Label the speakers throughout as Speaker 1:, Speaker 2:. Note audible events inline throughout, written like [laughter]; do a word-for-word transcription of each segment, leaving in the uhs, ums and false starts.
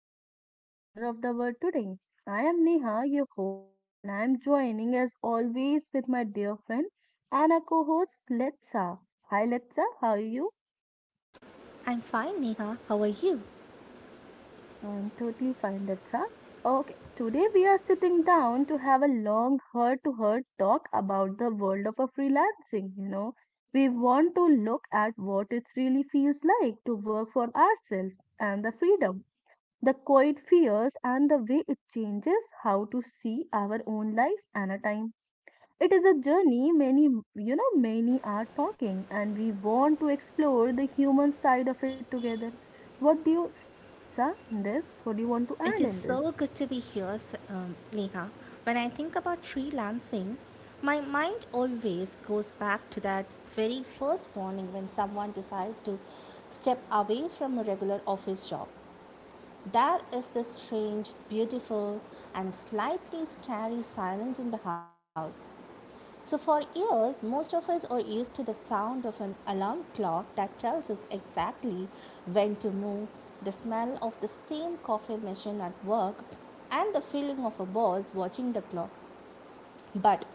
Speaker 1: to our quiet corner of the world today. I am Neha, your host, and I am joining as always with my dear friend and our co host Letsa. Hi, Letsa, how are you?
Speaker 2: I'm fine, Neha. How are you?
Speaker 1: I'm totally fine, Letsa. Okay, today we are sitting down to have a long heart to heart talk about the world of a freelancing. You know, we want to look at what it really feels like to work for ourselves and the freedom, the quiet fears, and the way it changes how to see our own life and a time. It is a journey many you know many are talking, and we want to explore the human side of it together. What do you say, litsa? In this, what do you want to add
Speaker 2: It is
Speaker 1: in this?
Speaker 2: so good to be here, s- um, Neha. When I think about freelancing, my mind always goes back to that very first morning when someone decided to step away from a regular office job. There is this strange, beautiful, and slightly scary silence in the house. So, for years, most of us are used to the sound of an alarm clock that tells us exactly when to move, the smell of the same coffee machine at work, and the feeling of a boss watching the clock. But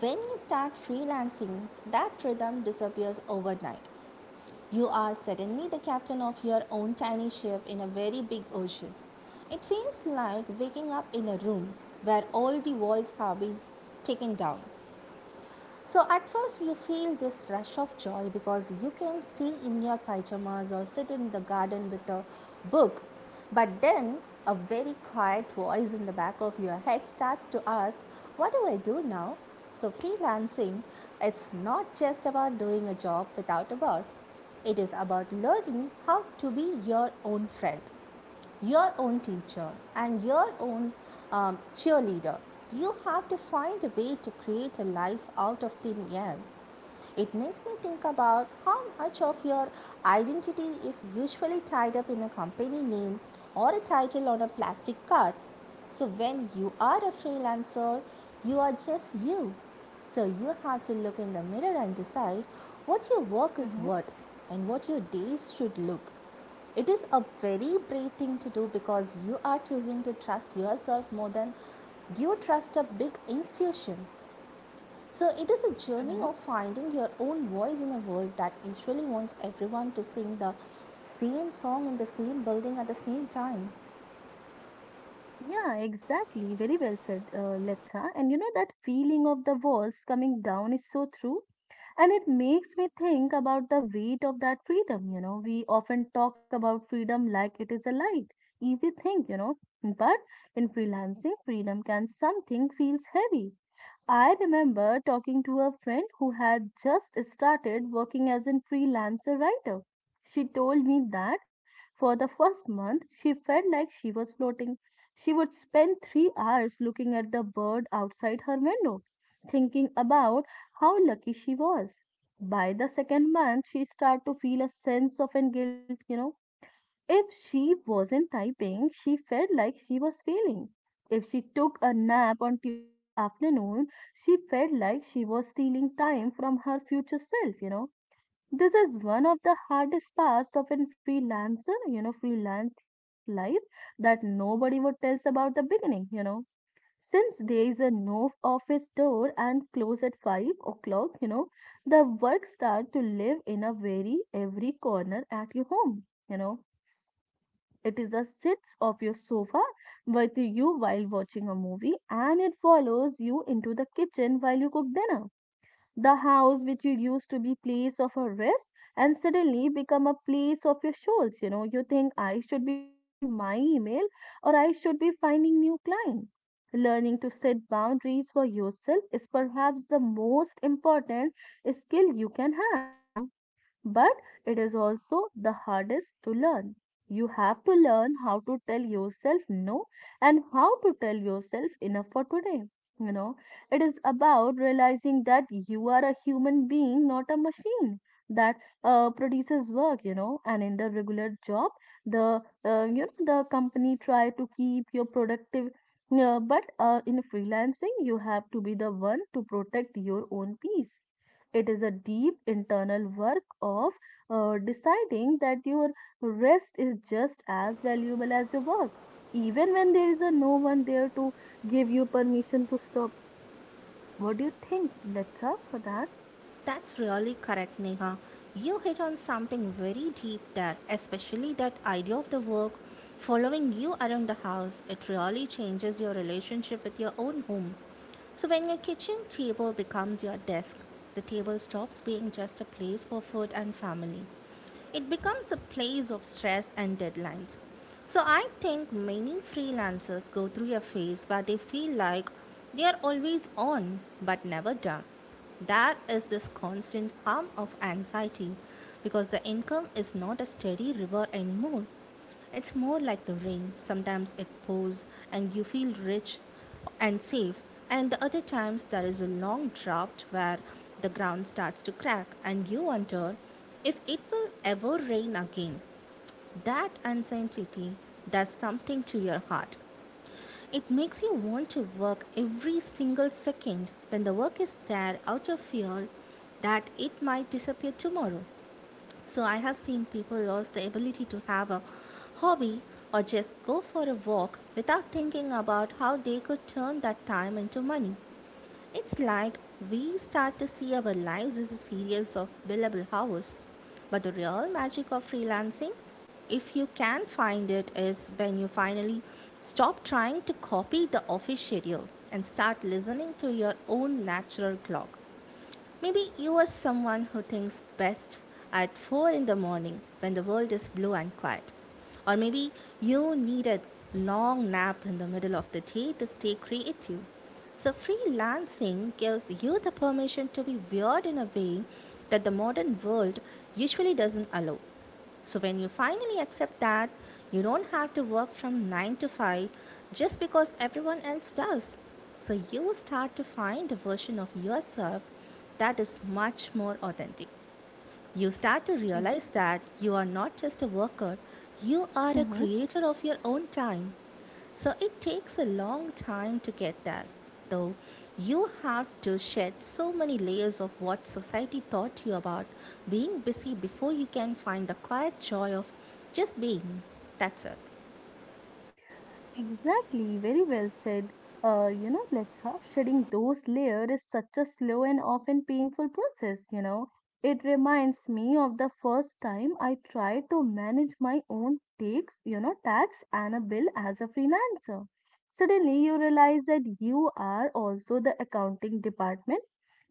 Speaker 2: when you start freelancing, that rhythm disappears overnight. You are suddenly the captain of your own tiny ship in a very big ocean. It feels like waking up in a room where all the walls have been taken down. So at first you feel this rush of joy because you can stay in your pyjamas or sit in the garden with a book. But then a very quiet voice in the back of your head starts to ask, what do I do now? So freelancing, it's not just about doing a job without a boss. It is about learning how to be your own friend, your own teacher, and your own um, cheerleader. You have to find a way to create a life out of thin air. It makes me think about how much of your identity is usually tied up in a company name or a title on a plastic card. So, when you are a freelancer, you are just you. So, you have to look in the mirror and decide what your work is
Speaker 1: Mm-hmm.
Speaker 2: worth and what your days should look. It is a very brave thing to do because you are choosing to trust yourself more than you trust a big institution. So it is a journey
Speaker 1: Mm-hmm.
Speaker 2: of finding your own voice in a world that usually wants everyone to sing the same song in the same building at the same time.
Speaker 1: Yeah, exactly. Very well said, uh, Letha. And you know, that feeling of the walls coming down is so true. And it makes me think about the weight of that freedom. You know, we often talk about freedom like it is a light, easy thing, you know. But in freelancing, freedom can something feels heavy. I remember talking to a friend who had just started working as a freelancer writer. She told me that for the first month she felt like she was floating. She would spend three hours looking at the bird outside her window, thinking about how lucky she was. By the second month, she started to feel a sense of an guilt, you know If she wasn't typing, she felt like she was failing. If she took a nap on Tuesday afternoon, she felt like she was stealing time from her future self, you know. This is one of the hardest parts of a freelancer, you know, freelance life that nobody would tell us about the beginning, you know. Since there is a no office door and close at five o'clock, you know, the work start to live in a very every corner at your home, you know It is a sits of your sofa with you while watching a movie, and it follows you into the kitchen while you cook dinner. The house which you used to be place of a rest and suddenly become a place of your shoals, you know. You think I should be checking my email or I should be finding new client. Learning to set boundaries for yourself is perhaps the most important skill you can have, you know but it is also the hardest to learn. You have to learn how to tell yourself no and how to tell yourself enough for today. You know, it is about realizing that you are a human being, not a machine that uh, produces work, you know, and in the regular job, the uh, you know the company try to keep your productive. Yeah, but uh, in freelancing, you have to be the one to protect your own peace. It is a deep internal work of uh, deciding that your rest is just as valuable as your work, even when there is a no one there to give you permission to stop. What do you think? Let's up for that.
Speaker 2: That's really correct, Neha. You hit on something very deep there, especially that idea of the work following you around the house. It really changes your relationship with your own home. So, when your kitchen table becomes your desk, the table stops being just a place for food and family. It becomes a place of stress and deadlines. So I think many freelancers go through a phase where they feel like they are always on but never done. There is this constant hum of anxiety because the income is not a steady river anymore. It's more like the rain. Sometimes it pours and you feel rich and safe, and the other times there is a long drought where the ground starts to crack and you wonder if it will ever rain again. That uncertainty does something to your heart. It makes you want to work every single second when the work is there, out of fear that it might disappear tomorrow. So I have seen people lose the ability to have a hobby or just go for a walk without thinking about how they could turn that time into money. It's like we start to see our lives as a series of billable hours. But the real magic of freelancing, if you can find it, is when you finally stop trying to copy the office schedule and start listening to your own natural clock. Maybe you are someone who thinks best at four in the morning when the world is blue and quiet. Or maybe you need a long nap in the middle of the day to stay creative. So, freelancing gives you the permission to be weird in a way that the modern world usually doesn't allow. So when you finally accept that you don't have to work from nine to five just because everyone else does, so you will start to find a version of yourself that is much more authentic. You start to
Speaker 1: Ex-
Speaker 2: realize that you are not just a worker, you are a
Speaker 1: Mhm.
Speaker 2: creator of your own time. So it takes a long time to get there, though. You have to shed so many layers of what society taught you about being busy before you can find the quiet joy of just being. That's it.
Speaker 1: Exactly, very well said. Uh, you know, Letha, shedding those layers is such a slow and often painful process, you know. It reminds me of the first time I tried to manage my own takes, you know, tax and a bill as a freelancer. Suddenly, you realize that you are also the accounting department,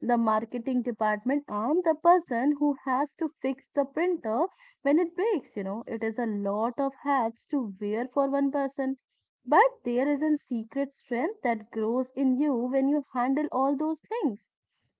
Speaker 1: the marketing department, and the person who has to fix the printer when it breaks. You know, it is a lot of hats to wear for one person, but there is a secret strength that grows in you when you handle all those things.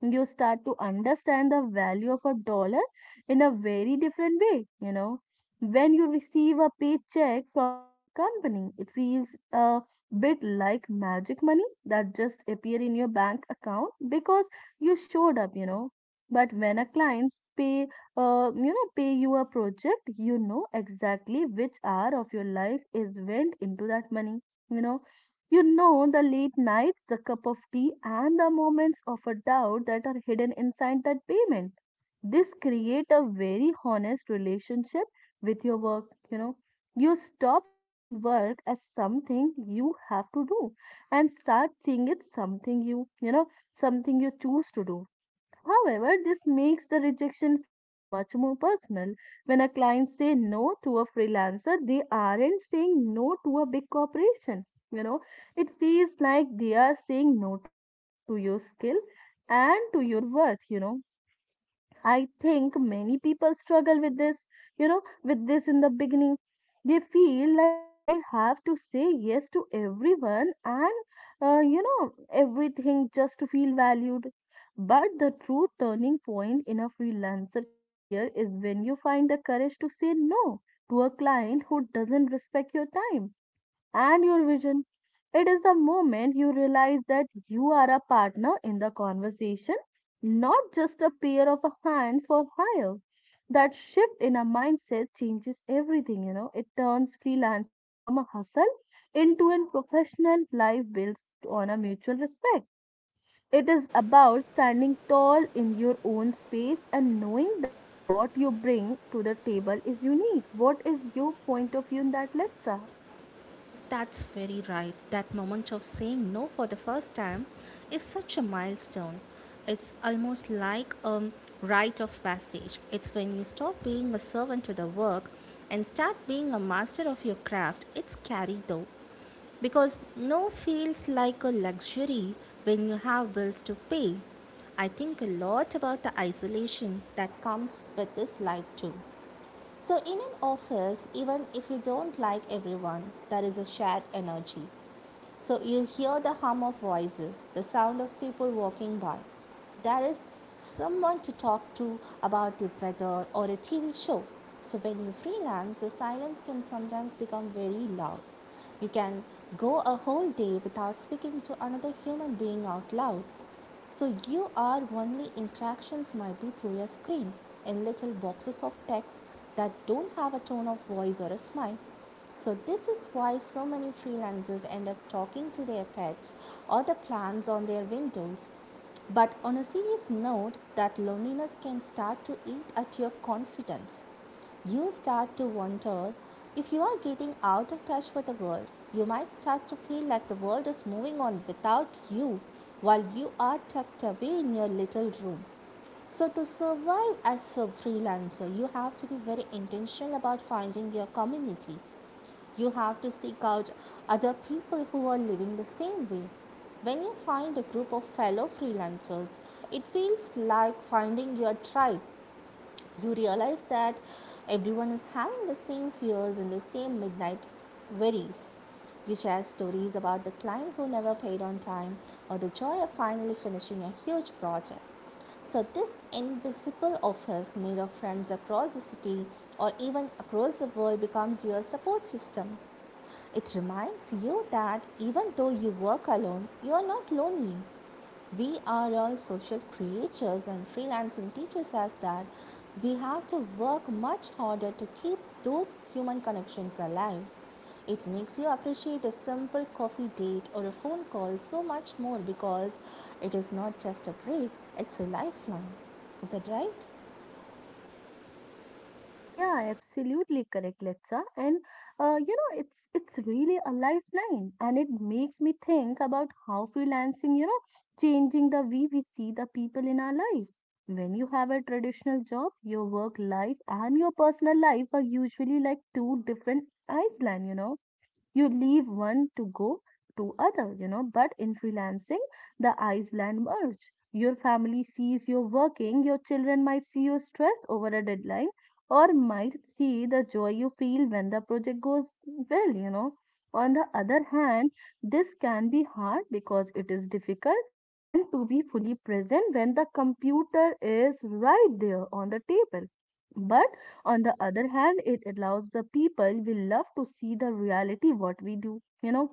Speaker 1: You start to understand the value of a dollar in a very different way, you know. When you receive a paycheck from a big company, it feels a bit like magic money that just appear in your bank account because you showed up, you know. But when a clients pay, uh, you know, pay you a project, you know exactly which hour of your life is went into that money you know, you know the late nights, the cup of tea, and the moments of a doubt that are hidden inside that payment. This create a very honest relationship with your work, you know. You stop seeing work as something you have to do and start seeing it something you, you know, something you choose to do. However, this makes the rejection feel much more personal. When a client say no to a freelancer, they aren't saying no to a big corporation. You know, it feels like they are saying no to you, to your skill, and to your worth, you know. I think many people struggle with this, you know, with this in the beginning. They feel like they have to say yes to everyone and, uh, you know, everything just to feel valued. But the true turning point in a freelancer career is when you find the courage to say no to a client who doesn't respect your time and your vision. It is the moment you realize that you are a partner in the conversation, not just a pair of a hand for hire. That shift in a mindset changes everything, you know. It turns freelancing from a hustle into a professional life built on a mutual respect. It is about standing tall in your own space and knowing that what you bring to the table is unique. What is your point of view in that lecture?
Speaker 2: That's very right. That moment of saying no for the first time is such a milestone. It's almost like a rite of passage. It's when you stop being a servant to the work and start being a master of your craft. It's scary though, because no feels like a luxury when you have bills to pay. I think a lot about the isolation that comes with this life too. So, in an office, even if you don't like everyone, there is a shared energy. So, you hear the hum of voices, the sound of people walking by. There is someone to talk to about the weather or a T V show. So, when you freelance, the silence can sometimes become very loud. You can go a whole day without speaking to another human being out loud. So you are only interactions might be through your screen, in little boxes of text that don't have a tone of voice or a smile. So this is why so many freelancers end up talking to their pets or the plants on their windows. But on a serious note, that loneliness can start to eat at your confidence. You start to wonder if you are getting out of touch with the world. You might start to feel like the world is moving on without you while you are tucked away in your little room. So, to survive as a freelancer, you have to be very intentional about finding your community. You have to seek out other people who are living the same way. When you find a group of fellow freelancers, it feels like finding your tribe. You realize that everyone is having the same fears and the same midnight worries. You share stories about the client who never paid on time or the joy of finally finishing a huge project. So, this invisible office made of friends across the city or even across the world becomes your support system. It reminds you that even though you work alone, you are not lonely. We are all social creatures, and freelancing teaches us that we have to work much harder to keep those human connections alive. It makes you appreciate a simple coffee date or a phone call so much more, because it is not just a break, it's a lifeline. Is that right?
Speaker 1: Yeah, absolutely correct, Letsa. And uh, you know, it's it's really a lifeline, and it makes me think about how freelancing, you know, changing the way we see the people in our lives. When you have a traditional job, your work life and your personal life are usually like two different islands, you know You leave one to go to other you know But in freelancing, the island merge. Your family sees you working, your children might see you stress over a deadline, or might see the joy you feel when the project goes well you know On the other hand, this can be hard because it is difficult and to be fully present when the computer is right there on the table. But on the other hand, it allows the people we love to see the reality what we do you know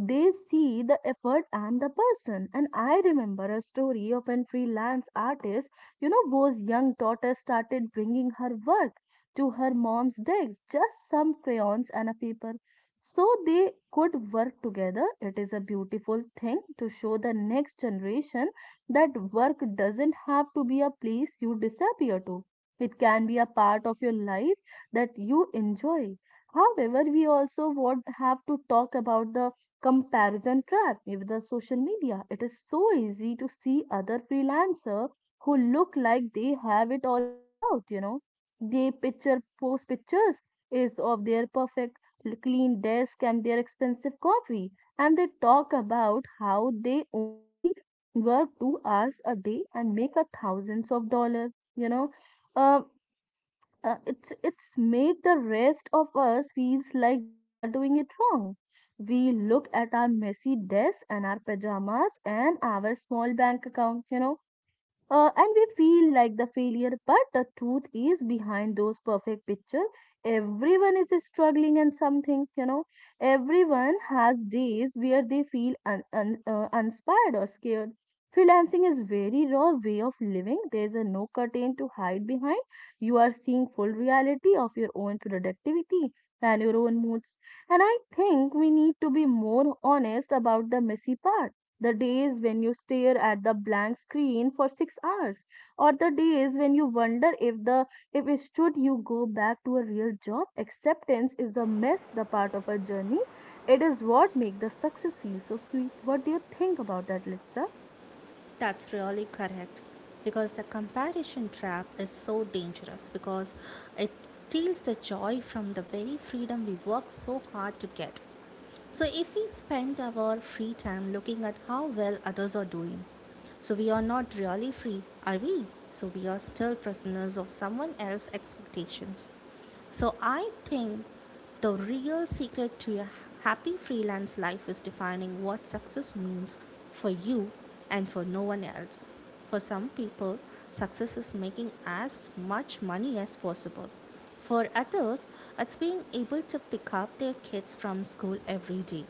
Speaker 1: They see the effort and the person. And I remember a story of an freelance artist, you know, whose young daughter started bringing her work to her mom's desk, just some crayons and a paper, so they could work together. It is a beautiful thing to show the next generation that work doesn't have to be a place you disappear to. It can be a part of your life that you enjoy. However, we also would have to talk about the comparison trap with the social media. It is so easy to see other freelancer who look like they have it all figured out, you know. They picture post pictures is of their perfect l- clean desk and their expensive coffee, and they talk about how they only work two hours a day and make a thousands of dollars, you know. Uh, uh, it's it's make the rest of us feels like we are doing it wrong. We look at our messy desk and our pajamas and our small bank account you know uh, And we feel like the failure. But the truth is behind those perfect picture, everyone is struggling, and something you know Everyone has days where they feel un- un- uh, inspired or scared. Freelancing is very raw way of living. There's a no curtain to hide behind. You are seeing full reality of your own productivity and your own moods, and I think we need to be more honest about the messy part, the days when you stare at the blank screen for six hours, or the days when you wonder if the if it should you go back to a real job. Acceptance is a mess, the part of a journey. It is what makes the success feel so sweet. What do you think about that, Litsa?
Speaker 2: That's really correct, because the comparison trap is so dangerous because it steals the joy from the very freedom we work so hard to get. So, if we spend our free time looking at how well others are doing, so we are not really free, are we? So, we are still prisoners of someone else's expectations. So, I think the real secret to your happy freelance life is defining what success means for you and for no one else. For some people, success is making as much money as possible. For others, it's being able to pick up their kids from school every day.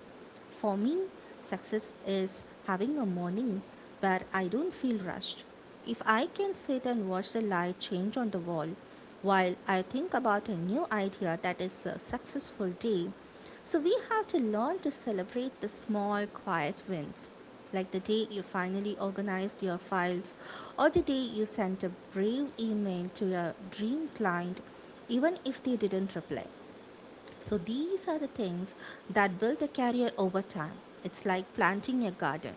Speaker 2: For me, success is having a morning where I don't feel rushed. If I can sit and watch the light change on the wall while I think about a new idea, that is a successful day. So we have to learn to celebrate the small, quiet wins, like the day you finally organized your files, or the day you sent a brave email to your dream client, even if they didn't reply. So these are the things that build a career over time. It's like planting a garden.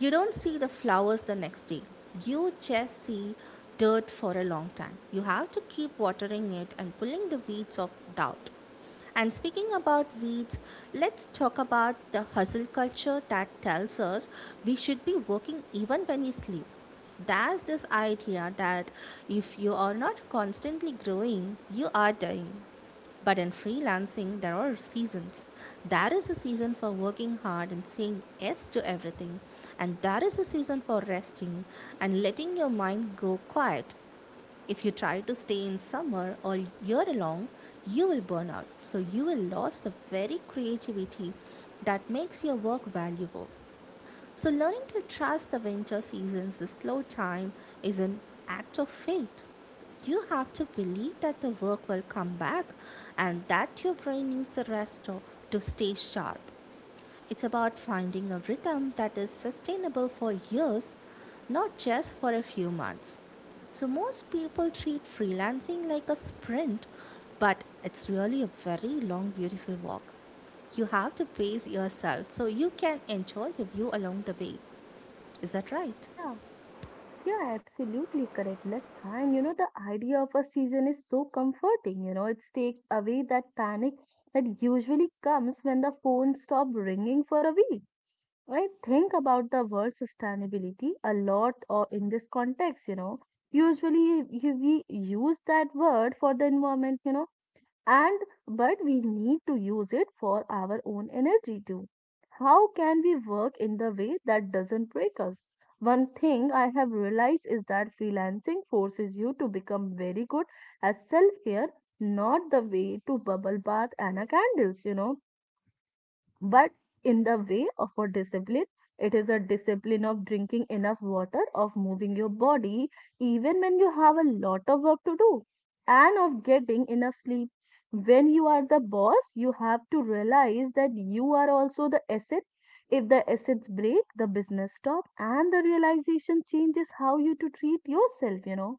Speaker 2: You don't see the flowers the next day. You just see dirt for a long time. You have to keep watering it and pulling the weeds of doubt. And speaking about weeds, let's talk about the hustle culture that tells us we should be working even when we sleep. There's this idea that if you are not constantly growing, you are dying. But in freelancing, there are seasons. There is a season for working hard and saying yes to everything, and there is a season for resting and letting your mind go quiet. If you try to stay in summer all year long, you will burn out. So you will lose the very creativity that makes your work valuable. So, learning to trust the winter seasons, the slow time, is an act of faith. You have to believe that the work will come back and that your brain needs a rest to to stay sharp. It's about finding a rhythm that is sustainable for years, not just for a few months. So, most people treat freelancing like a sprint, but it's really a very long, beautiful walk. You have to pace yourself so you can enjoy the view along the way. Is that right?
Speaker 1: Yeah. Yeah, absolutely correct. Let's, and you know the idea of a season is so comforting. You know, it takes away that panic that usually comes when the phone stops ringing for a week. I think about the word sustainability a lot or in this context, you know. Usually you- we use that word for the environment, you know, and but we need to use it for our own energy too. How can we work in the way that doesn't break us? One thing I have realized is that freelancing forces you to become very good at self care, not the way to bubble bath and a candles, you know but in the way of a discipline, it is a discipline of drinking enough water, of moving your body even when you have a lot of work to do, and of getting enough sleep. When you are the boss, you have to realize that you are also the asset. If the assets break, the business stop, and the realization changes how you to treat yourself, you know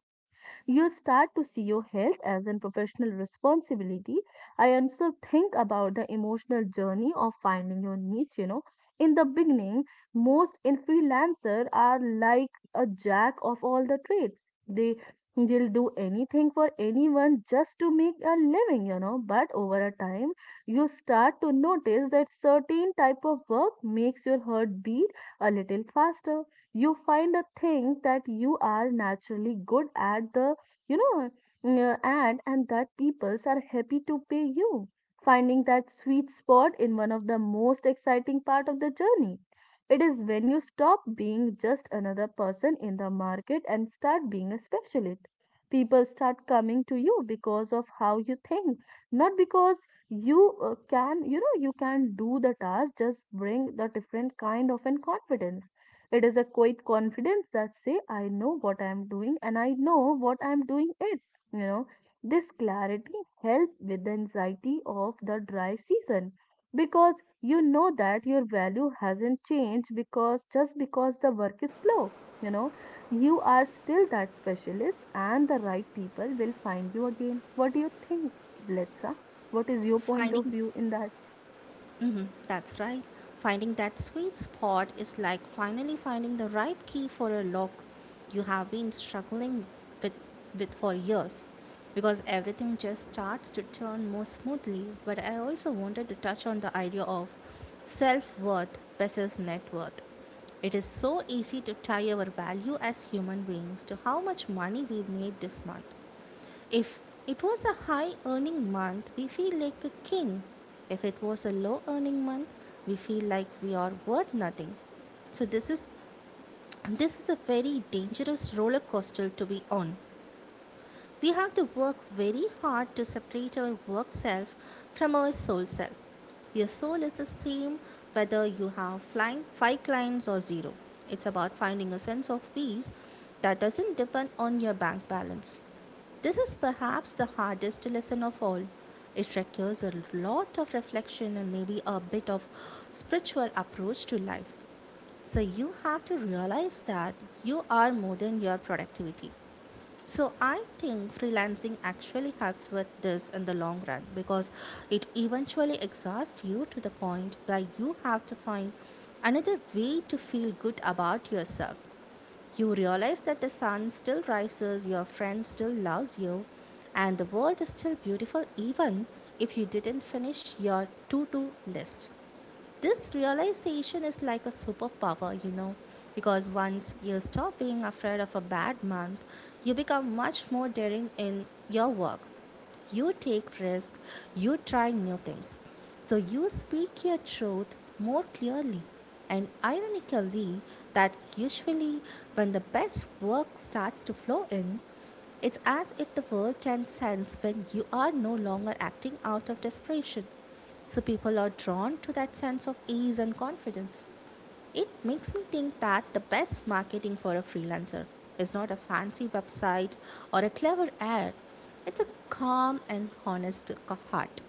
Speaker 1: You start to see your health as a professional responsibility. I also think about the emotional journey of finding your niche, you know. In the beginning, most in freelancer are like a jack of all the trades. They will do anything for anyone just to make a living, you know. But over a time, you start to notice that certain type of work makes your heart beat a little faster you find a thing that you are naturally good at the you know, n- and and that peoples are happy to pay you, finding that sweet spot in one of the most exciting part of the journey. It is when you stop being just another person in the market and start being a specialist. People start coming to you because of how you think, not because you uh, can, you know, you can do the task. Just bring the different kind of an confidence it is a quiet confidence that say I know what I am doing and I know what I am doing it. You know, this clarity help with the anxiety of the dry season because you know that your value hasn't changed because just because the work is slow. You know, you are still that specialist and the right people will find you again. What do you think, Letsa? What is your point
Speaker 2: Finding
Speaker 1: of view in that?
Speaker 2: Mm-hmm, that's right. Finding that sweet spot is like finally finding the right key for a lock you have been struggling with, with for years because everything just starts to turn more smoothly. But I also wanted to touch on the idea of self worth versus net worth. It is so easy to tie our value as human beings to how much money we made this month. If it was a high earning month, we feel like a king. If it was a low earning month, we feel like we are worth nothing. So this is this is a very dangerous roller coaster to be on. We have to work very hard to separate our work self from our soul self. Your soul is the same whether you have flying five clients or zero. It's about finding a sense of peace that doesn't depend on your bank balance. This is perhaps the hardest lesson of all. It requires a lot of reflection and maybe a bit of spiritual approach to life. So you have to realize that you are more than your productivity. So I think freelancing actually helps with this in the long run because it eventually exhausts you to the point where you have to find another way to feel good about yourself. You realize that the sun still rises, your friend still loves you, and the world is still beautiful even if you didn't finish your to do list. This realization is like a superpower, you know, because once you stop being afraid of a bad month, you become much more daring in your work. You take risks, you try new things. So you speak your truth more clearly. And ironically, that usually when the best work starts to flow in, it's as if the world can sense when you are no longer acting out of desperation. So people are drawn to that sense of ease and confidence. It makes me think that the best marketing for a freelancer is not a fancy website or a clever ad, it's a calm and honest heart.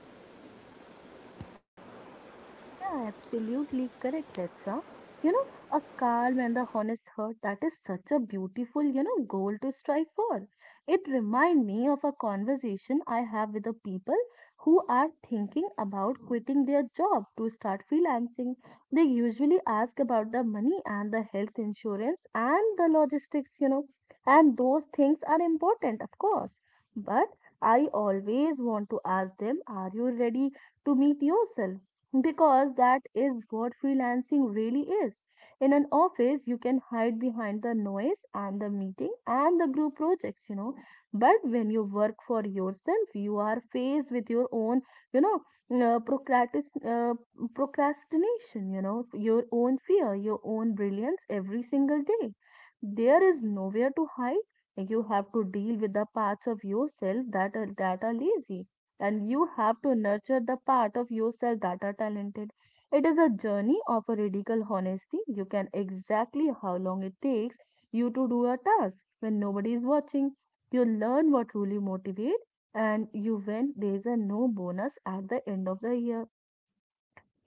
Speaker 1: Yeah, absolutely correct, Letsa. You know, a calm and the honest heart, that is such a beautiful, you know, goal to strive for. It reminds me of a conversation I have with the people who are thinking about quitting their job to start freelancing. They usually ask about the money and the health insurance and the logistics, you know, and those things are important, of course. But I always want to ask them, are you ready to meet yourself? Because that is what freelancing really is. In an office, you can hide behind the noise and the meeting and the group projects, you know. But when you work for yourself, you are faced with your own, you know, uh, procratis- uh, procrastination, you know, your own fear, your own brilliance every single day. There is nowhere to hide. You have to deal with the parts of yourself that are, that are lazy and you have to nurture the part of yourself that are talented. It is a journey of a radical honesty. You can exactly how long it takes you to do a task when nobody is watching. You learn what truly motivates and you when there is a no bonus at the end of the year.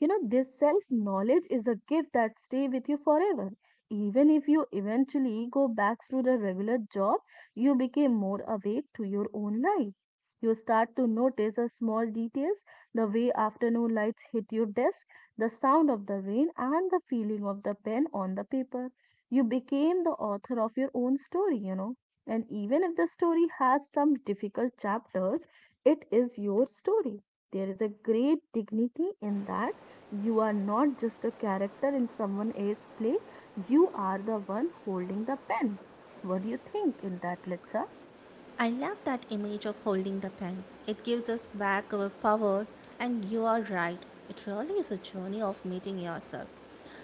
Speaker 1: You know, this self knowledge is a gift that stay with you forever. Even if you eventually go back to the regular job, you became more awake to your own life. You start to notice the small details, the way afternoon lights hit your desk, the sound of the rain, and the feeling of the pen on the paper. You became the author of your own story, you know. And even if the story has some difficult chapters, it is your story. There is a great dignity in that you are not just a character in someone else's play, you are the one holding the pen. What do you think in that, Litsa?
Speaker 2: I love that image of holding the pen. It gives us back our power, and you are right. It really is a journey of meeting yourself.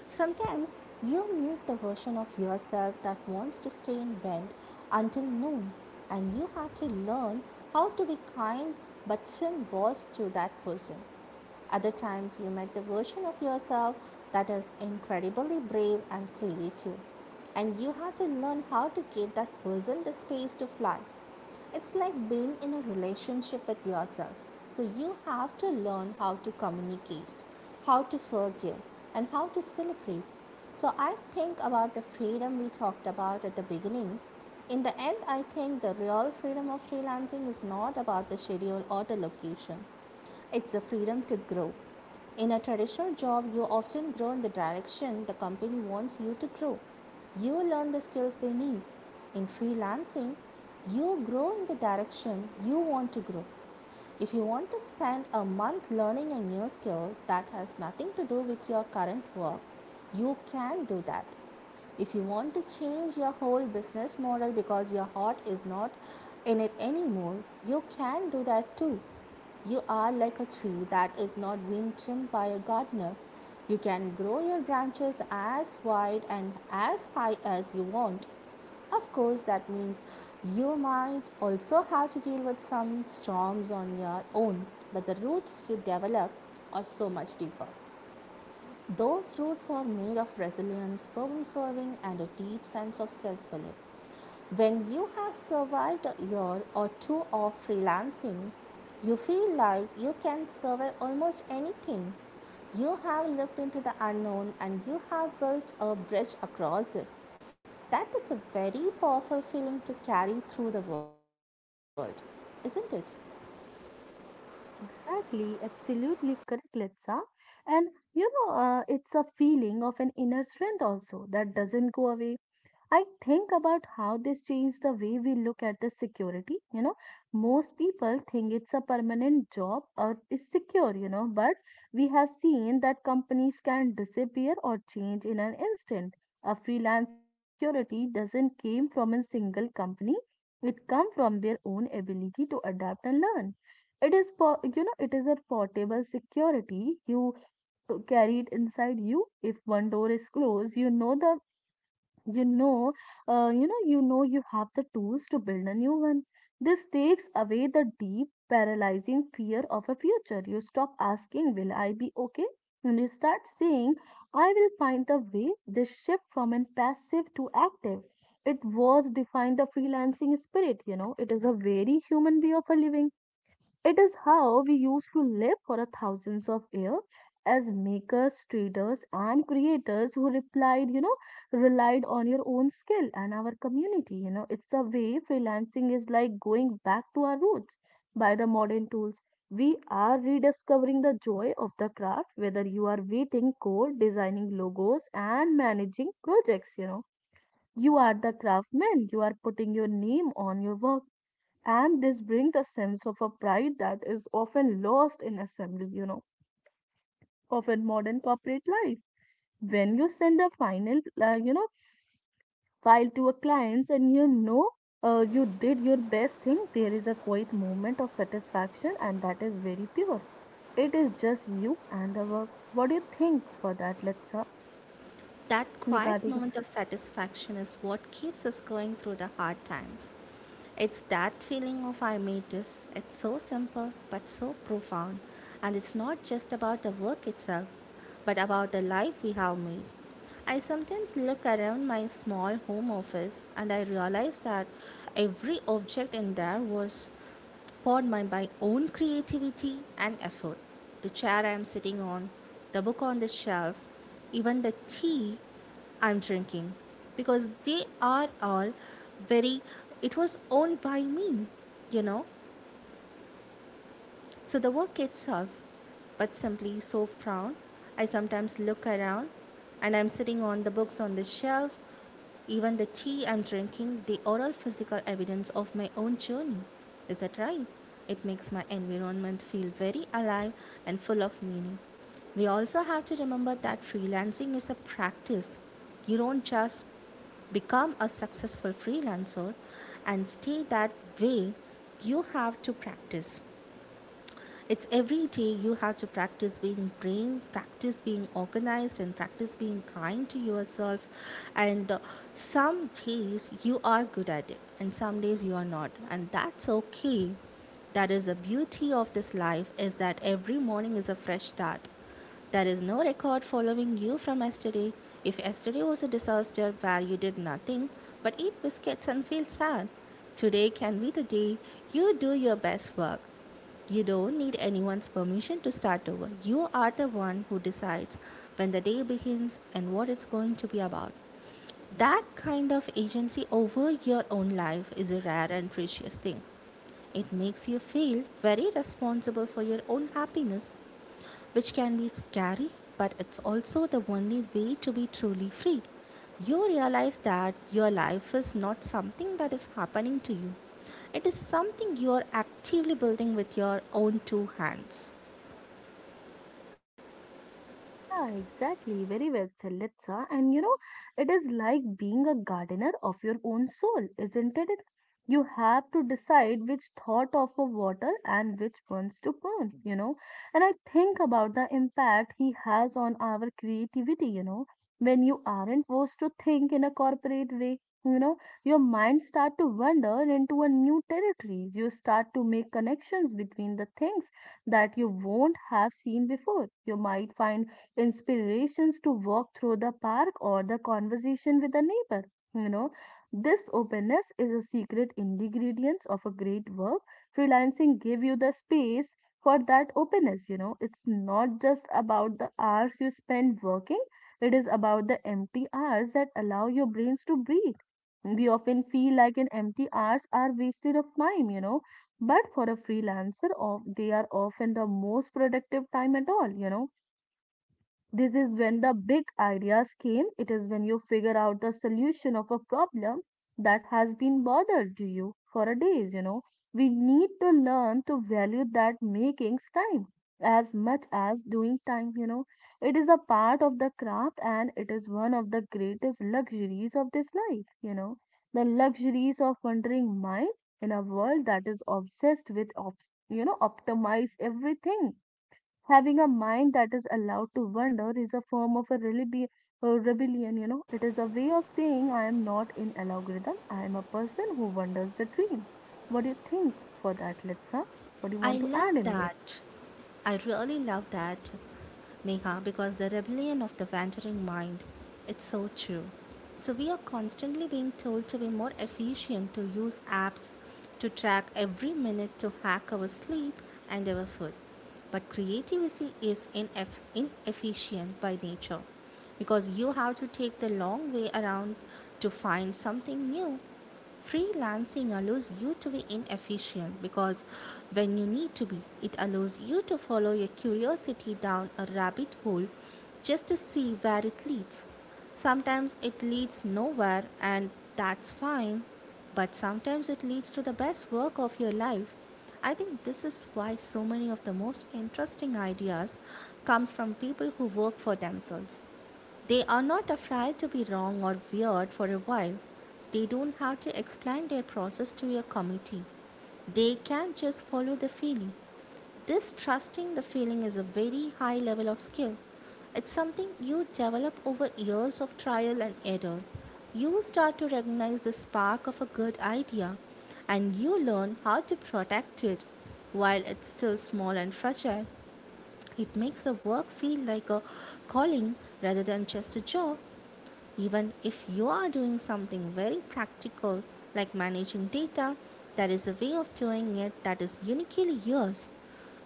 Speaker 2: Sometimes you meet the version of yourself that wants to stay in bed until noon, and you have to learn how to be kind but firm boss to that person. Other times, you met the version of yourself that is incredibly brave and creative, and you have to learn how to give that person the space to fly. It's like being in a relationship with yourself. So you have to learn how to communicate, how to forgive, and how to celebrate. So I think about the freedom we talked about at the beginning. In the end, I think the real freedom of freelancing is not about the schedule or the location. It's the freedom to grow. In a traditional job, you often grow in the direction the company wants you to grow. You learn the skills they need. In freelancing, you grow in the direction you want to grow. If you want to spend a month learning a new skill that has nothing to do with your current work, you can do that. If you want to change your whole business model because your heart is not in it anymore, you can do that too. You are like a tree that is not being trimmed by a gardener. You can grow your branches as wide and as high as you want. Of course, that means you might also have to deal with some storms on your own, but the roots you develop are so much deeper. Those roots are made of resilience, problem solving, and a deep sense of self belief. When you have survived a year or two of freelancing, you feel like you can survive almost anything. You have looked into the unknown and you have built a bridge across it. That is a very powerful feeling to carry through the world, isn't it?
Speaker 1: Exactly, absolutely correct, Litsa. And you know, uh, it's a feeling of an inner strength also that doesn't go away. I think about how this changed the way we look at the security. You know, most people think it's a permanent job or is secure, you know, but we have seen that companies can disappear or change in an instant. A freelancer security doesn't came from a single company. It come from their own ability to adapt and learn. It is po- you know, it is a portable security you carry it inside you. If one door is closed, you know the you know uh, you know you know you have the tools to build a new one this takes away the deep paralyzing fear of a future you stop asking will I be okay and you start saying I will find the way this shift from an passive to active it was defined the freelancing spirit you know it is a very human way of a living it is how we used to live for a thousands of years as makers, traders, and creators who replied, you know, relied on your own skill and our community. You know, it's a way freelancing is like going back to our roots by the modern tools. We are rediscovering the joy of the craft, whether you are waiting code, designing logos, and managing projects, you know. You are the craftsman. You are putting your name on your work and this brings a sense of a pride that is often lost in assembly you know of in modern corporate life when you send a final uh, you know file to a client and you know uh, you did your best thing there is a quiet moment of satisfaction and that is very pure it is just you and the work what do you think for that Letsa
Speaker 2: That quiet
Speaker 1: regarding
Speaker 2: moment of satisfaction is what keeps us going through the hard times. It's that feeling of I made this. It's so simple but so profound. And it's not just about the work itself, but about the life we have made. I sometimes look around my small home office and I realize that every object in there was poured by my own creativity and effort. The chair I am sitting on, the book on the shelf, even the tea I'm drinking, because they are all very, it was owned by me, you know. So the work itself, but simply so proud. I sometimes look around and I'm sitting on the books on the shelf, even the tea I'm drinking, the oral physical evidence of my own journey. Is that right? It makes my environment feel very alive and full of meaning. We also have to remember that freelancing is a practice. You don't just become a successful freelancer and stay that way. You have to practice. It's every day you have to practice being brave, practice being organized, and practice being kind to yourself. And uh, some days you are good at it, and some days you are not. And that's okay. That is the beauty of this life is that every morning is a fresh start. There is no record following you from yesterday. If yesterday was a disaster where you did nothing but eat biscuits and feel sad, today can be the day you do your best work. You don't need anyone's permission to start over. You are the one who decides when the day begins and what it's going to be about. That kind of agency over your own life is a rare and precious thing. It makes you feel very responsible for your own happiness, which can be scary, but it's also the only way to be truly free. You realize that your life is not something that is happening to you, it is something you are actively building with your own two hands.
Speaker 1: Yeah, exactly. Very well said, Litsa. And you know, it is like being a gardener of your own soul, isn't it? You have to decide which thought of a water and which ones to prune, you know. And I think about the impact he has on our creativity, you know. When you aren't forced to think in a corporate way, you know, your mind start to wander into a new territories. You start to make connections between the things that you won't have seen before. You might find inspirations to walk through the park or the conversation with a neighbor. You know, this openness is a secret ingredient of a great work. Freelancing give you the space for that openness, you know. It's not just about the hours you spend working, it is about the empty hours that allow your brains to breathe. We often feel like an empty hours are wasted of time, you know but for a freelancer of they are often the most productive time at all you know this is when the big ideas came. It is when you figure out the solution of a problem that has been bothered to you for a days, you know. We need to learn to value that makings time as much as doing time, you know. It is a part of the craft and it is one of the greatest luxuries of this life, you know. The luxuries of wandering mind in a world that is obsessed with, op- you know, optimize everything having a mind that is allowed to wander is a form of a relibi- uh, rebellion you know it is a way of saying I am not in algorithm I am a person who wanders the dream what do you think for that litsa what do you
Speaker 2: I
Speaker 1: want to
Speaker 2: love
Speaker 1: add in this
Speaker 2: that. I really love that, Neha, because the rebellion of the wandering mind, it's so true. So we are constantly being told to be more efficient, to use apps to track every minute, to hack our sleep and our food. But creativity is ineff- inefficient by nature because you have to take the long way around to find something new. Freelancing allows you to be inefficient because when you need to be, it allows you to follow your curiosity down a rabbit hole just to see where it leads. Sometimes it leads nowhere, and that's fine, but sometimes it leads to the best work of your life. I think this is why so many of the most interesting ideas comes from people who work for themselves. They are not afraid to be wrong or weird for a while. They don't have to explain their process to a committee. They can just follow the feeling. This trusting the feeling is a very high level of skill. It's something you develop over years of trial and error. You start to recognize the spark of a good idea and you learn how to protect it while it's still small and fragile. It makes the work feel like a calling rather than just a job. Even if you are doing something very practical like managing data, there is a way of doing it that is uniquely yours.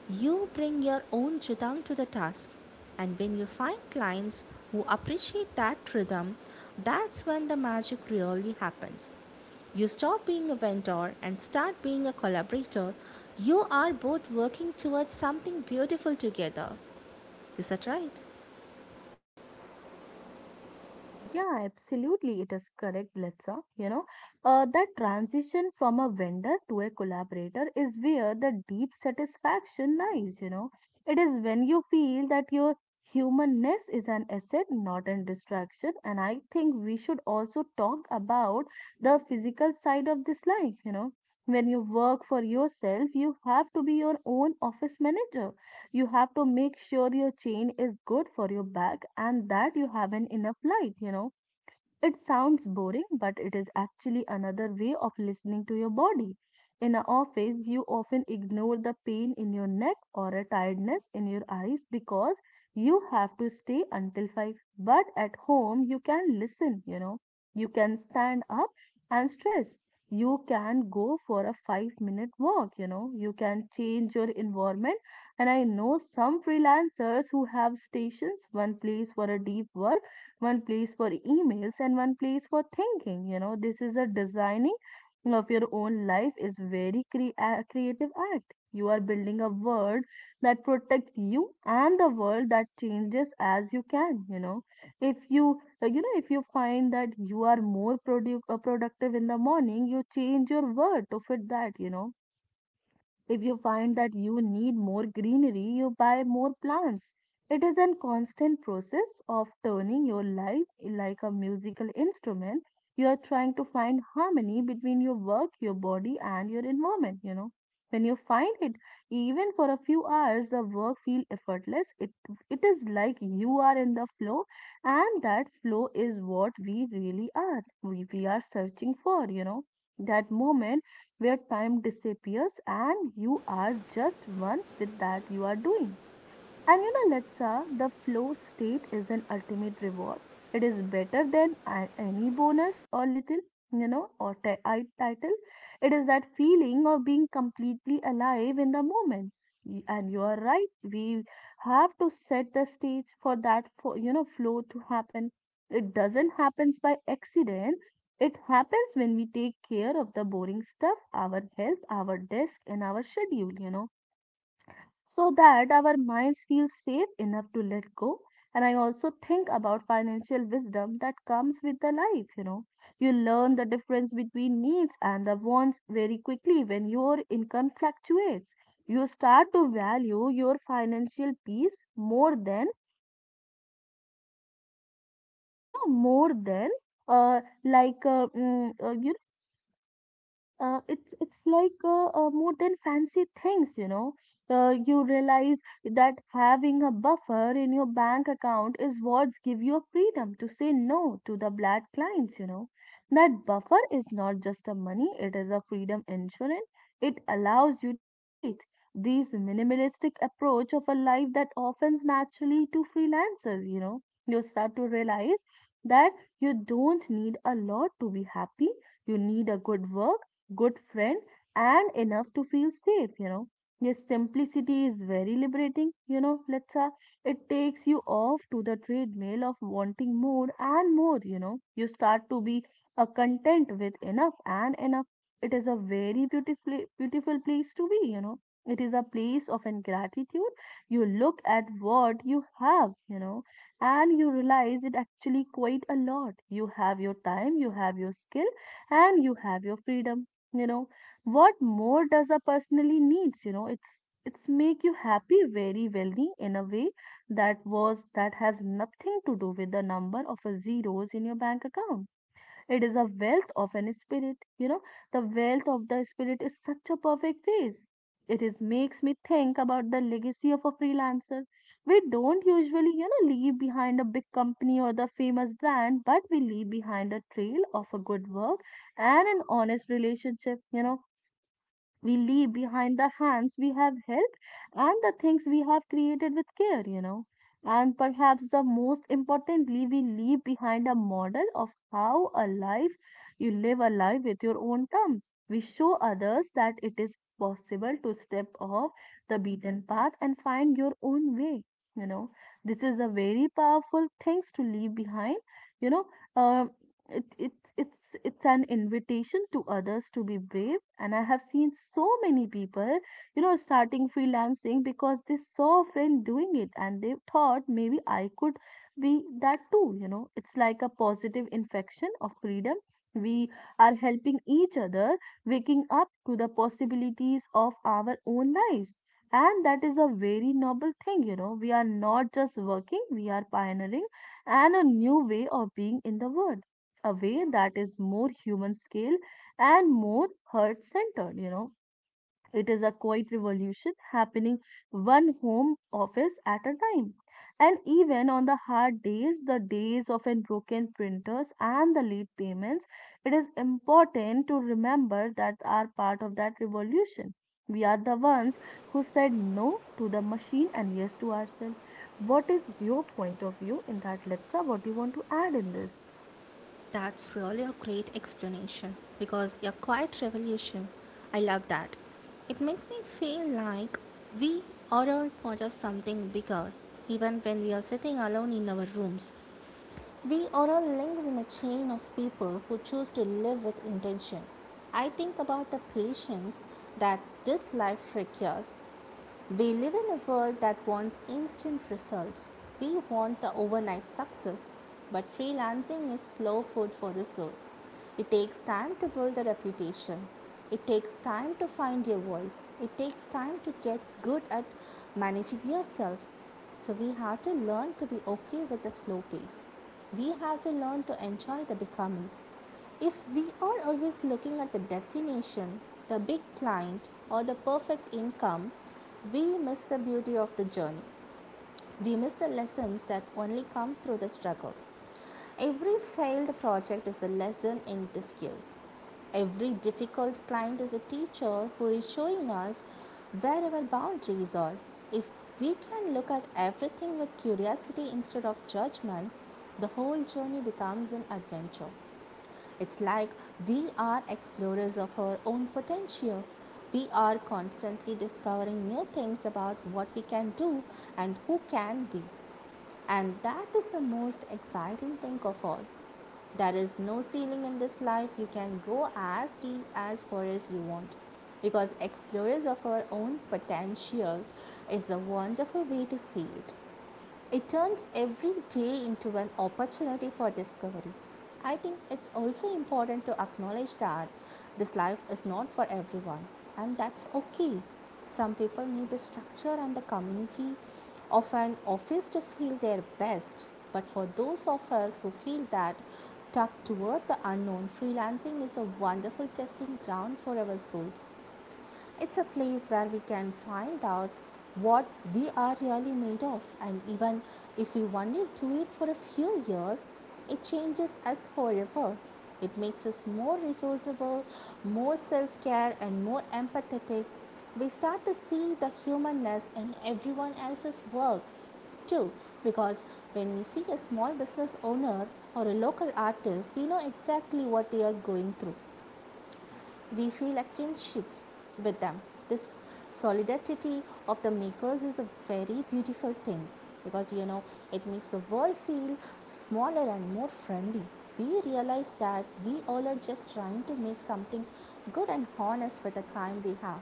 Speaker 2: You bring your own rhythm to the task, and when you find clients who appreciate that rhythm, that's when the magic really happens. You stop being a vendor and start being a collaborator. You are both working towards something beautiful together. Is that right?
Speaker 1: Yeah, absolutely. It is correct, Letsa. You know, uh, that transition from a vendor to a collaborator is where the deep satisfaction lies. You know, it is when you feel that your humanness is an asset, not a distraction. And I think we should also talk about the physical side of this life. You know, when you work for yourself, you have to be your own office manager. You have to make sure your chain is good for your back and that you have an enough light. You know it sounds boring, but it is actually another way of listening to your body. In an office, you often ignore the pain in your neck or a tiredness in your eyes because you have to stay until five. But at home, you can listen, you know. You can stand up and stretch. You can go for a five minute walk, you know. You can change your environment. And I know some freelancers who have stations, one place for a deep work one place for emails, and one place for thinking. You know, this is a designing of your own life is very cre- a creative act. You are building a world that protects you and the world that changes as you can. You know, if you uh, you know if you find that you are more produ- uh, productive in the morning, you change your word to fit that. You know if you find that you need more greenery, you buy more plants. It is a constant process of turning your life like a musical instrument. You are trying to find harmony between your work, your body, and your environment. You know, when you find it, even for a few hours, the work feel effortless. It it is like you are in the flow, and that flow is what we really are. We, we are searching for. You know, that moment where time disappears and you are just one with that you are doing, and you know, Letsa, the flow state is an ultimate reward. It is better than a- any bonus or little, you know, or ti- I title. It is that feeling of being completely alive in the moment. Y- And you are right. We have to set the stage for that, for, you know, flow to happen. It doesn't happens by accident. It happens when we take care of the boring stuff, our health, our desk, and our schedule. You know so that our minds feel safe enough to let go. And I also think about financial wisdom that comes with the life, you know. You learn the difference between needs and the wants very quickly when your income fluctuates. You start to value your financial peace more than, you know, more than uh, like, uh, mm, uh, you uh, it's it's like uh, uh, more than fancy things you know uh, You realize that having a buffer in your bank account is what give you freedom to say no to the bad clients, you know. That buffer is not just a money, it is a freedom insurance. It allows you to breathe. This minimalistic approach of a life that offends naturally to freelancers, you know. You start to realize that you don't need a lot to be happy. You need a good work, good friend, and enough to feel safe, you know. Yes, simplicity is very liberating, you know, Letsa. It takes you off to the treadmill of wanting more and more, you know. You start to be a content with enough and enough. It is a very beautiful, beautiful place to be, you know. It is a place of ingratitude. You look at what you have, you know, and you realize it actually quite a lot. You have your time, you have your skill, and you have your freedom, you know. What more does a personally needs, you know it's it's make you happy very wealthy in a way that was that has nothing to do with the number of a zeros in your bank account. It is a wealth of an spirit. You know, the wealth of the spirit is such a perfect phrase. It is makes me think about the legacy of a freelancer. We don't usually, you know, leave behind a big company or the famous brand, but we leave behind a trail of a good work and an honest relationship. You know, we leave behind the hands we have helped and the things we have created with care, you know. And perhaps the most importantly, we leave behind a model of how a life you live a life with your own terms. We show others that it is possible to step off the beaten path and find your own way. You know, this is a very powerful things to leave behind. You know, uh, it, it it's it's an invitation to others to be brave, and I have seen so many people, you know, starting freelancing because they saw a friend doing it and they thought maybe I could be that too, you know. It's like a positive infection of freedom. We are helping each other waking up to the possibilities of our own lives, and that is a very noble thing, you know. We are not just working, we are pioneering and a new way of being in the world, a way that is more human scale and more heart centered, you know. It is a quiet revolution happening one home office at a time. And even on the hard days, the days of unbroken printers and the late payments, it is important to remember that are part of that revolution. We are the ones who said no to the machine and yes to ourselves. What is your point of view in that, Letsa? What do you want to add in this?
Speaker 2: That's really a great explanation because a quiet revolution. I love that. It makes me feel like we are all part of something bigger, even when we are sitting alone in our rooms. We are all links in a chain of people who choose to live with intention. I think about the patience that this life requires. We live in a world that wants instant results. We want the overnight success, but freelancing is slow food for the soul. It takes time to build a reputation. It takes time to find your voice. It takes time to get good at managing yourself. So we have to learn to be okay with the slow pace. We have to learn to enjoy the becoming. If we are always looking at the destination, the big client, or the perfect income, we miss the beauty of the journey. We miss the lessons that only come through the struggle. Every failed project is a lesson in disguise. Every difficult client is a teacher who is showing us where our boundaries are. If we can look at everything with curiosity instead of judgment, the whole journey becomes an adventure. It's like we are explorers of our own potential. We are constantly discovering new things about what we can do and who can be. And that is the most exciting thing of all. There is no ceiling in this life. You can go as deep as far as you want. Because explorers of our own potential is a wonderful way to see it. It turns every day into an opportunity for discovery. I think it's also important to acknowledge that this life is not for everyone, and that's okay. Some people need the structure and the community of an office to feel their best, but for those of us who feel that tuck toward the unknown, freelancing is a wonderful testing ground for our souls. It's a place where we can find out what we are really made of, and even if we only do it for a few years, it changes us forever. It makes us more resourceful, more self care, and more empathetic. We start to see the humanness in everyone else's work too because when we see a small business owner or a local artist, we know exactly what they are going through. We feel a kinship with them. This solidarity of the makers is a very beautiful thing because, you know it makes the world feel smaller and more friendly. We realize that we all are just trying to make something good and honest with the time we have.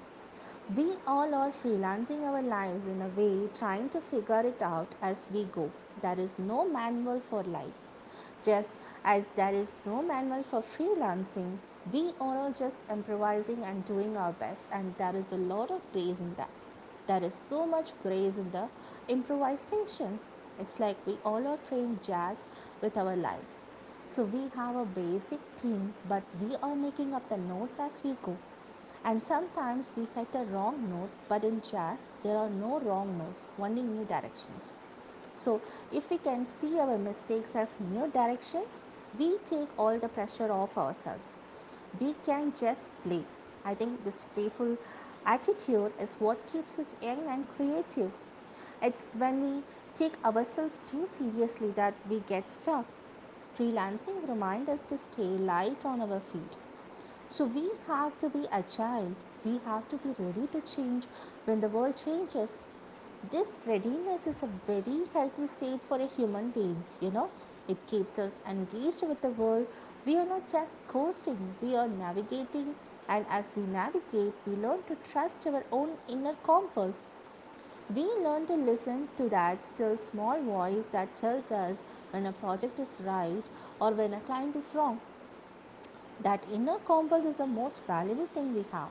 Speaker 2: We all are freelancing our lives in a way, trying to figure it out as we go. There is no manual for life. Just as there is no manual for freelancing, we are all just improvising and doing our best, and there is a lot of grace in that. There is so much grace in the improvisation. It's like we all are playing jazz with our lives. So we have a basic theme, but we are making up the notes as we go. And sometimes we hit a wrong note, but in jazz, there are no wrong notes, only new directions. So, if we can see our mistakes as mere directions, we take all the pressure off ourselves. We can just play. I think this playful attitude is what keeps us young and creative. It's when we take ourselves too seriously that we get stuck. Freelancing reminds us to stay light on our feet. So we have to be agile, we have to be ready to change when the world changes. This readiness is a very healthy state for a human being, you know. It keeps us engaged with the world. We are not just coasting, we are navigating, and as we navigate, we learn to trust our own inner compass. We learn to listen to that still small voice that tells us when a project is right or when a client is wrong. That inner compass is the most valuable thing we have.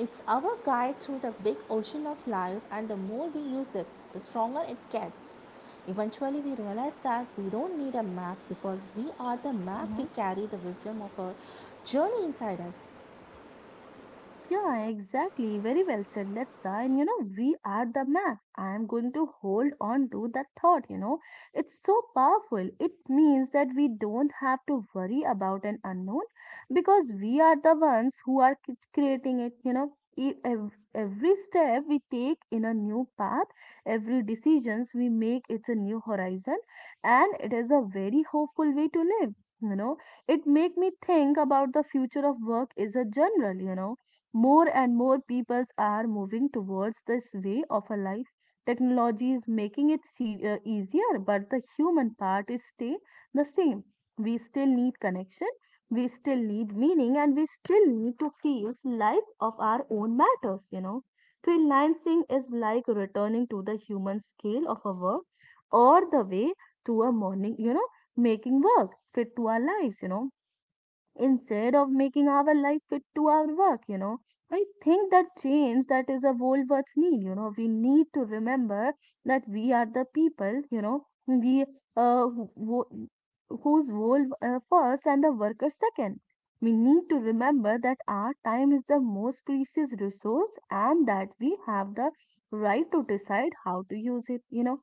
Speaker 2: It's our guide through the big ocean of life, and the more we use it, the stronger it gets. Eventually, we realize that we don't need a map because we are the map, we carry the wisdom of our journey inside us.
Speaker 1: Yeah, exactly. Very well said, Letsa. And you know, we are the map. I am going to hold on to that thought, you know. It's so powerful. It means that we don't have to worry about an unknown because we are the ones who are c- creating it, you know. E- ev- Every step we take in a new path, every decisions we make, it's a new horizon, and it is a very hopeful way to live. You know, it make me think about the future of work is a general. You know, more and more people are moving towards this way of a life. Technology is making it se- uh, easier, but the human part is stay the same. We still need connection, we still need meaning, and we still need to feel life of our own matters, you know. Freelancing is like returning to the human scale of a work or the way to a morning, you know, making work fit to our lives, you know, instead of making our life fit to our work, you know. I think that change that is a world what's need, you know. We need to remember that we are the people, you know, we uh who, who- whose world uh, first and the worker second. We need to remember that our time is the most precious resource and that we have the right to decide how to use it, you know.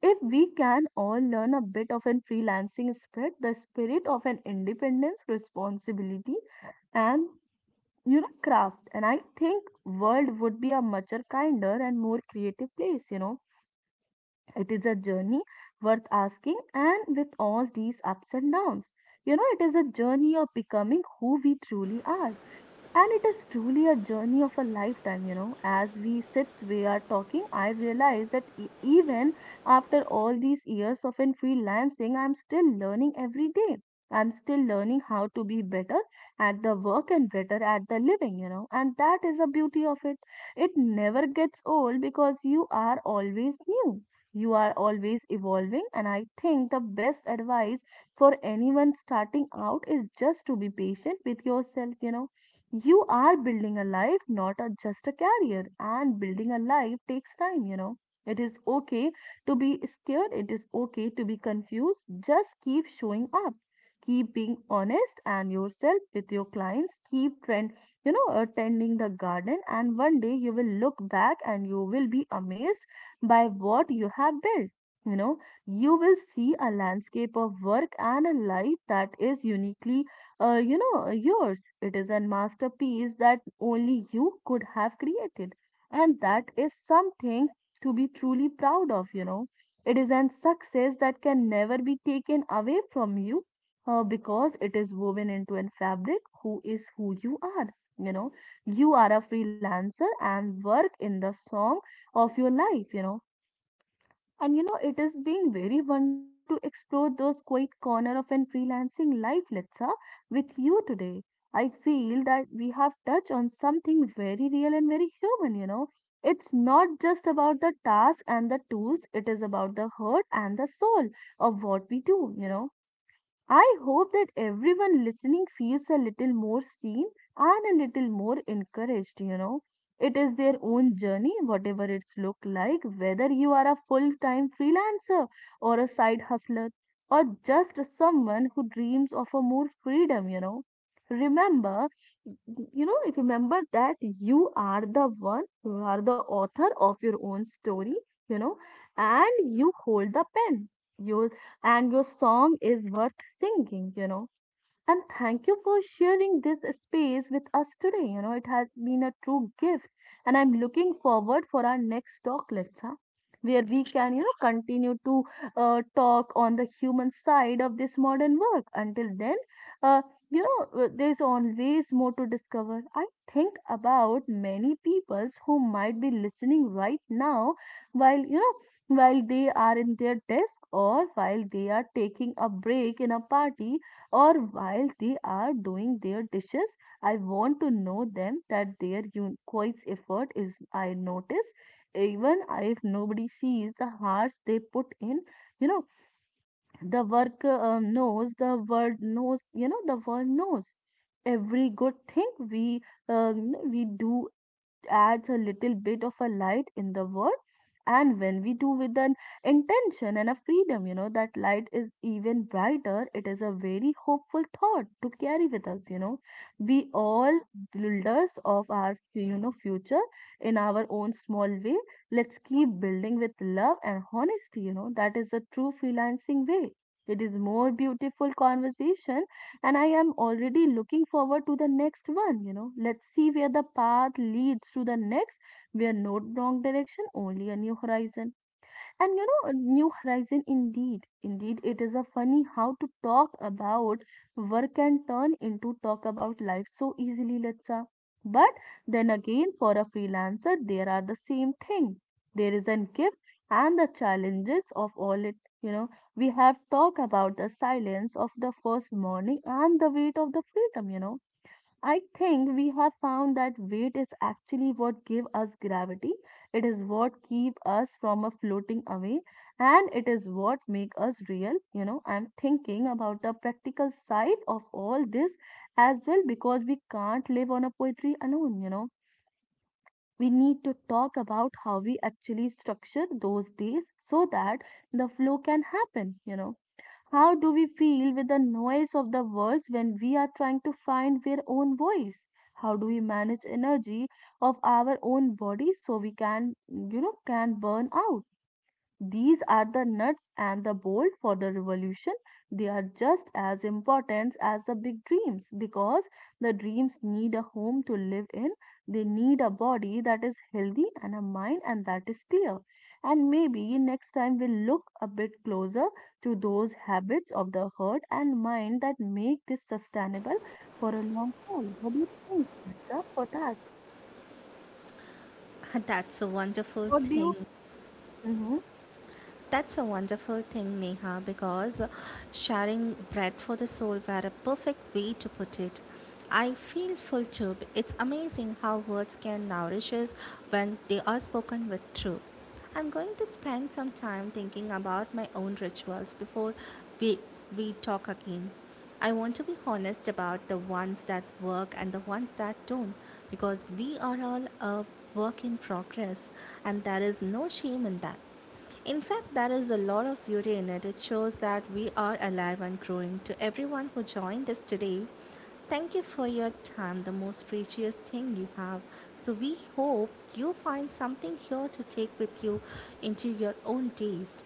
Speaker 1: If we can all learn a bit of an freelancing spirit, the spirit of an independence, responsibility, and, you know, craft, and I think world would be a much kinder and more creative place. You know, it is a journey worth asking, and with all these ups and downs, you know, it is a journey of becoming who we truly are. And it is truly a journey of a lifetime, you know. As we sit, we are talking, I realize that e- even after all these years of in freelancing, I'm still learning every day. I'm still learning how to be better at the work and better at the living, you know. And that is the beauty of it. It never gets old because you are always new. You are always evolving, and I think the best advice for anyone starting out is just to be patient with yourself, you know. You are building a life, not a, just a career. And building a life takes time, you know. It is okay to be scared, it is okay to be confused. Just keep showing up. Keep being honest and yourself with your clients. Keep trend, you know, attending the garden, and one day you will look back and you will be amazed by what you have built. You know, you will see a landscape of work and a life that is uniquely uh, you know, uh, yours. It is a masterpiece that only you could have created. And that is something to be truly proud of, you know. It is an success that can never be taken away from you, uh, because it is woven into a fabric who is who you are. You know, you are a freelancer and work in the song of your life, you know. And you know, it is being very wonderful to explore those quiet corner of an freelancing life, Litsa, with you today. I feel that we have touched on something very real and very human, you know. It's not just about the task and the tools, it is about the heart and the soul of what we do, you know. I hope that everyone listening feels a little more seen and a little more encouraged, you know. It is their own journey, whatever it's look like, whether you are a full-time freelancer or a side hustler or just someone who dreams of a more freedom, you know. Remember, you know, remember that you are the one, you are the author of your own story, you know, and you hold the pen. Your and your song is worth singing, you know. And thank you for sharing this space with us today. You know, it has been a true gift. And I'm looking forward for our next talk, Letsa, where we can, you know, continue to uh, talk on the human side of this modern work. Until then, uh, you know, uh, there's always more to discover. I think about many peoples who might be listening right now while, you know, while they are in their desk or while they are taking a break in a party or while they are doing their dishes. I want to know them that their un- quiet effort is I notice even if nobody sees the hearts they put in. You know, the work uh, knows, the world knows, you know, the world knows every good thing we um, we do adds a little bit of a light in the world, and when we do with an intention and a freedom, you know, that light is even brighter. It is a very hopeful thought to carry with us, you know. We all builders of our, you know, future in our own small way. Let's keep building with love and honesty, you know, that is a true freelancing way. It is more beautiful conversation, and I am already looking forward to the next one. You know, let's see where the path leads to the next. We are not wrong direction, only a new horizon. And you know, a new horizon indeed. Indeed, it is a funny how to talk about work can turn into talk about life so easily, Latsa. But then again, for a freelancer, there are the same thing. There is a gift and the challenges of all it. You know, we have talked about the silence of the first morning and the weight of the freedom, you know, I think we have found that weight is actually what give us gravity. It is what keep us from a floating away, and it is what make us real. You know, I'm thinking about the practical side of all this as well, because we can't live on a poetry alone, you know. We need to talk about how we actually structure those days so that the flow can happen, you know, how do we feel with the noise of the world when we are trying to find our own voice? How do we manage energy of our own body so we can, you know, can burn out? These are the nuts and the bolt for the revolution. They are just as important as the big dreams, because the dreams need a home to live in. They need a body that is healthy and a mind and that is clear. And maybe next time we'll look a bit closer to those habits of the heart and mind that make this sustainable for a long haul. What do you think, Mitsa, for that?
Speaker 2: [laughs] That's a wonderful
Speaker 1: What do you?
Speaker 2: thing.
Speaker 1: Mhm.
Speaker 2: That's a wonderful thing, Neha, because sharing bread for the soul were a perfect way to put it. I feel full too. It's amazing how words can nourish us when they are spoken with truth. I'm going to spend some time thinking about my own rituals before we, we talk again. I want to be honest about the ones that work and the ones that don't, because we are all a work in progress and there is no shame in that. In fact, there is a lot of beauty in it. It shows that we are alive and growing. To everyone who joined us today, thank you for your time, the most precious thing you have. So, we hope you find something here to take with you into your own days.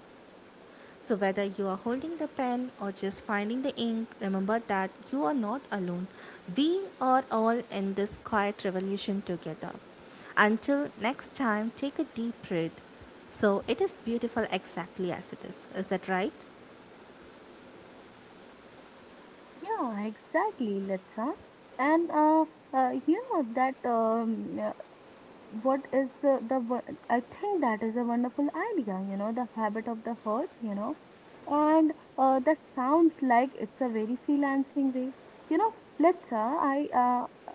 Speaker 2: So, whether you are holding the pen or just finding the ink, remember that you are not alone. We are all in this quiet revolution together. Until next time, take a deep breath. So, it is beautiful exactly as it is. Is that right?
Speaker 1: Yeah, exactly, Letsa. And uh, uh, You know that um, what is uh, the wo- I think that is a wonderful idea, you know, the habit of the hurt, you know. And uh, That sounds like it's a very freelancing way, you know. Let's uh, I uh,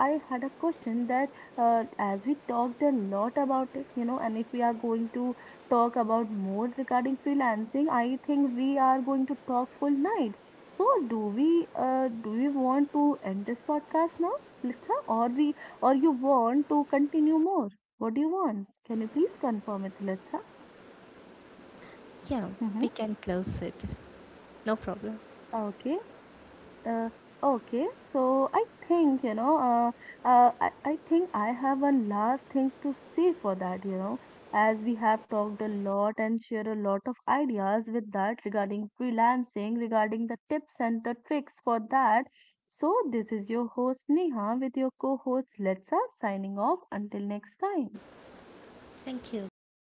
Speaker 1: I had a question that uh, as we talked a lot about it, you know, and if we are going to talk about more regarding freelancing, I think we are going to talk full night. So do we uh, do we want to end this podcast now, Litsa, or we or you want to continue more? What do you want? Can you please confirm it, Letsa?
Speaker 2: Yeah, we
Speaker 1: Mm-hmm.
Speaker 2: can close it. No problem.
Speaker 1: Okay. Uh, okay. So I think, you know, uh, uh, I, I think I have one last thing to say for that, you know, as we have talked a lot and shared a lot of ideas with that regarding freelancing, regarding the tips and the tricks for that. So this is your host Neha with your co-host Letsa signing off until next time.
Speaker 2: Thank you. Bye.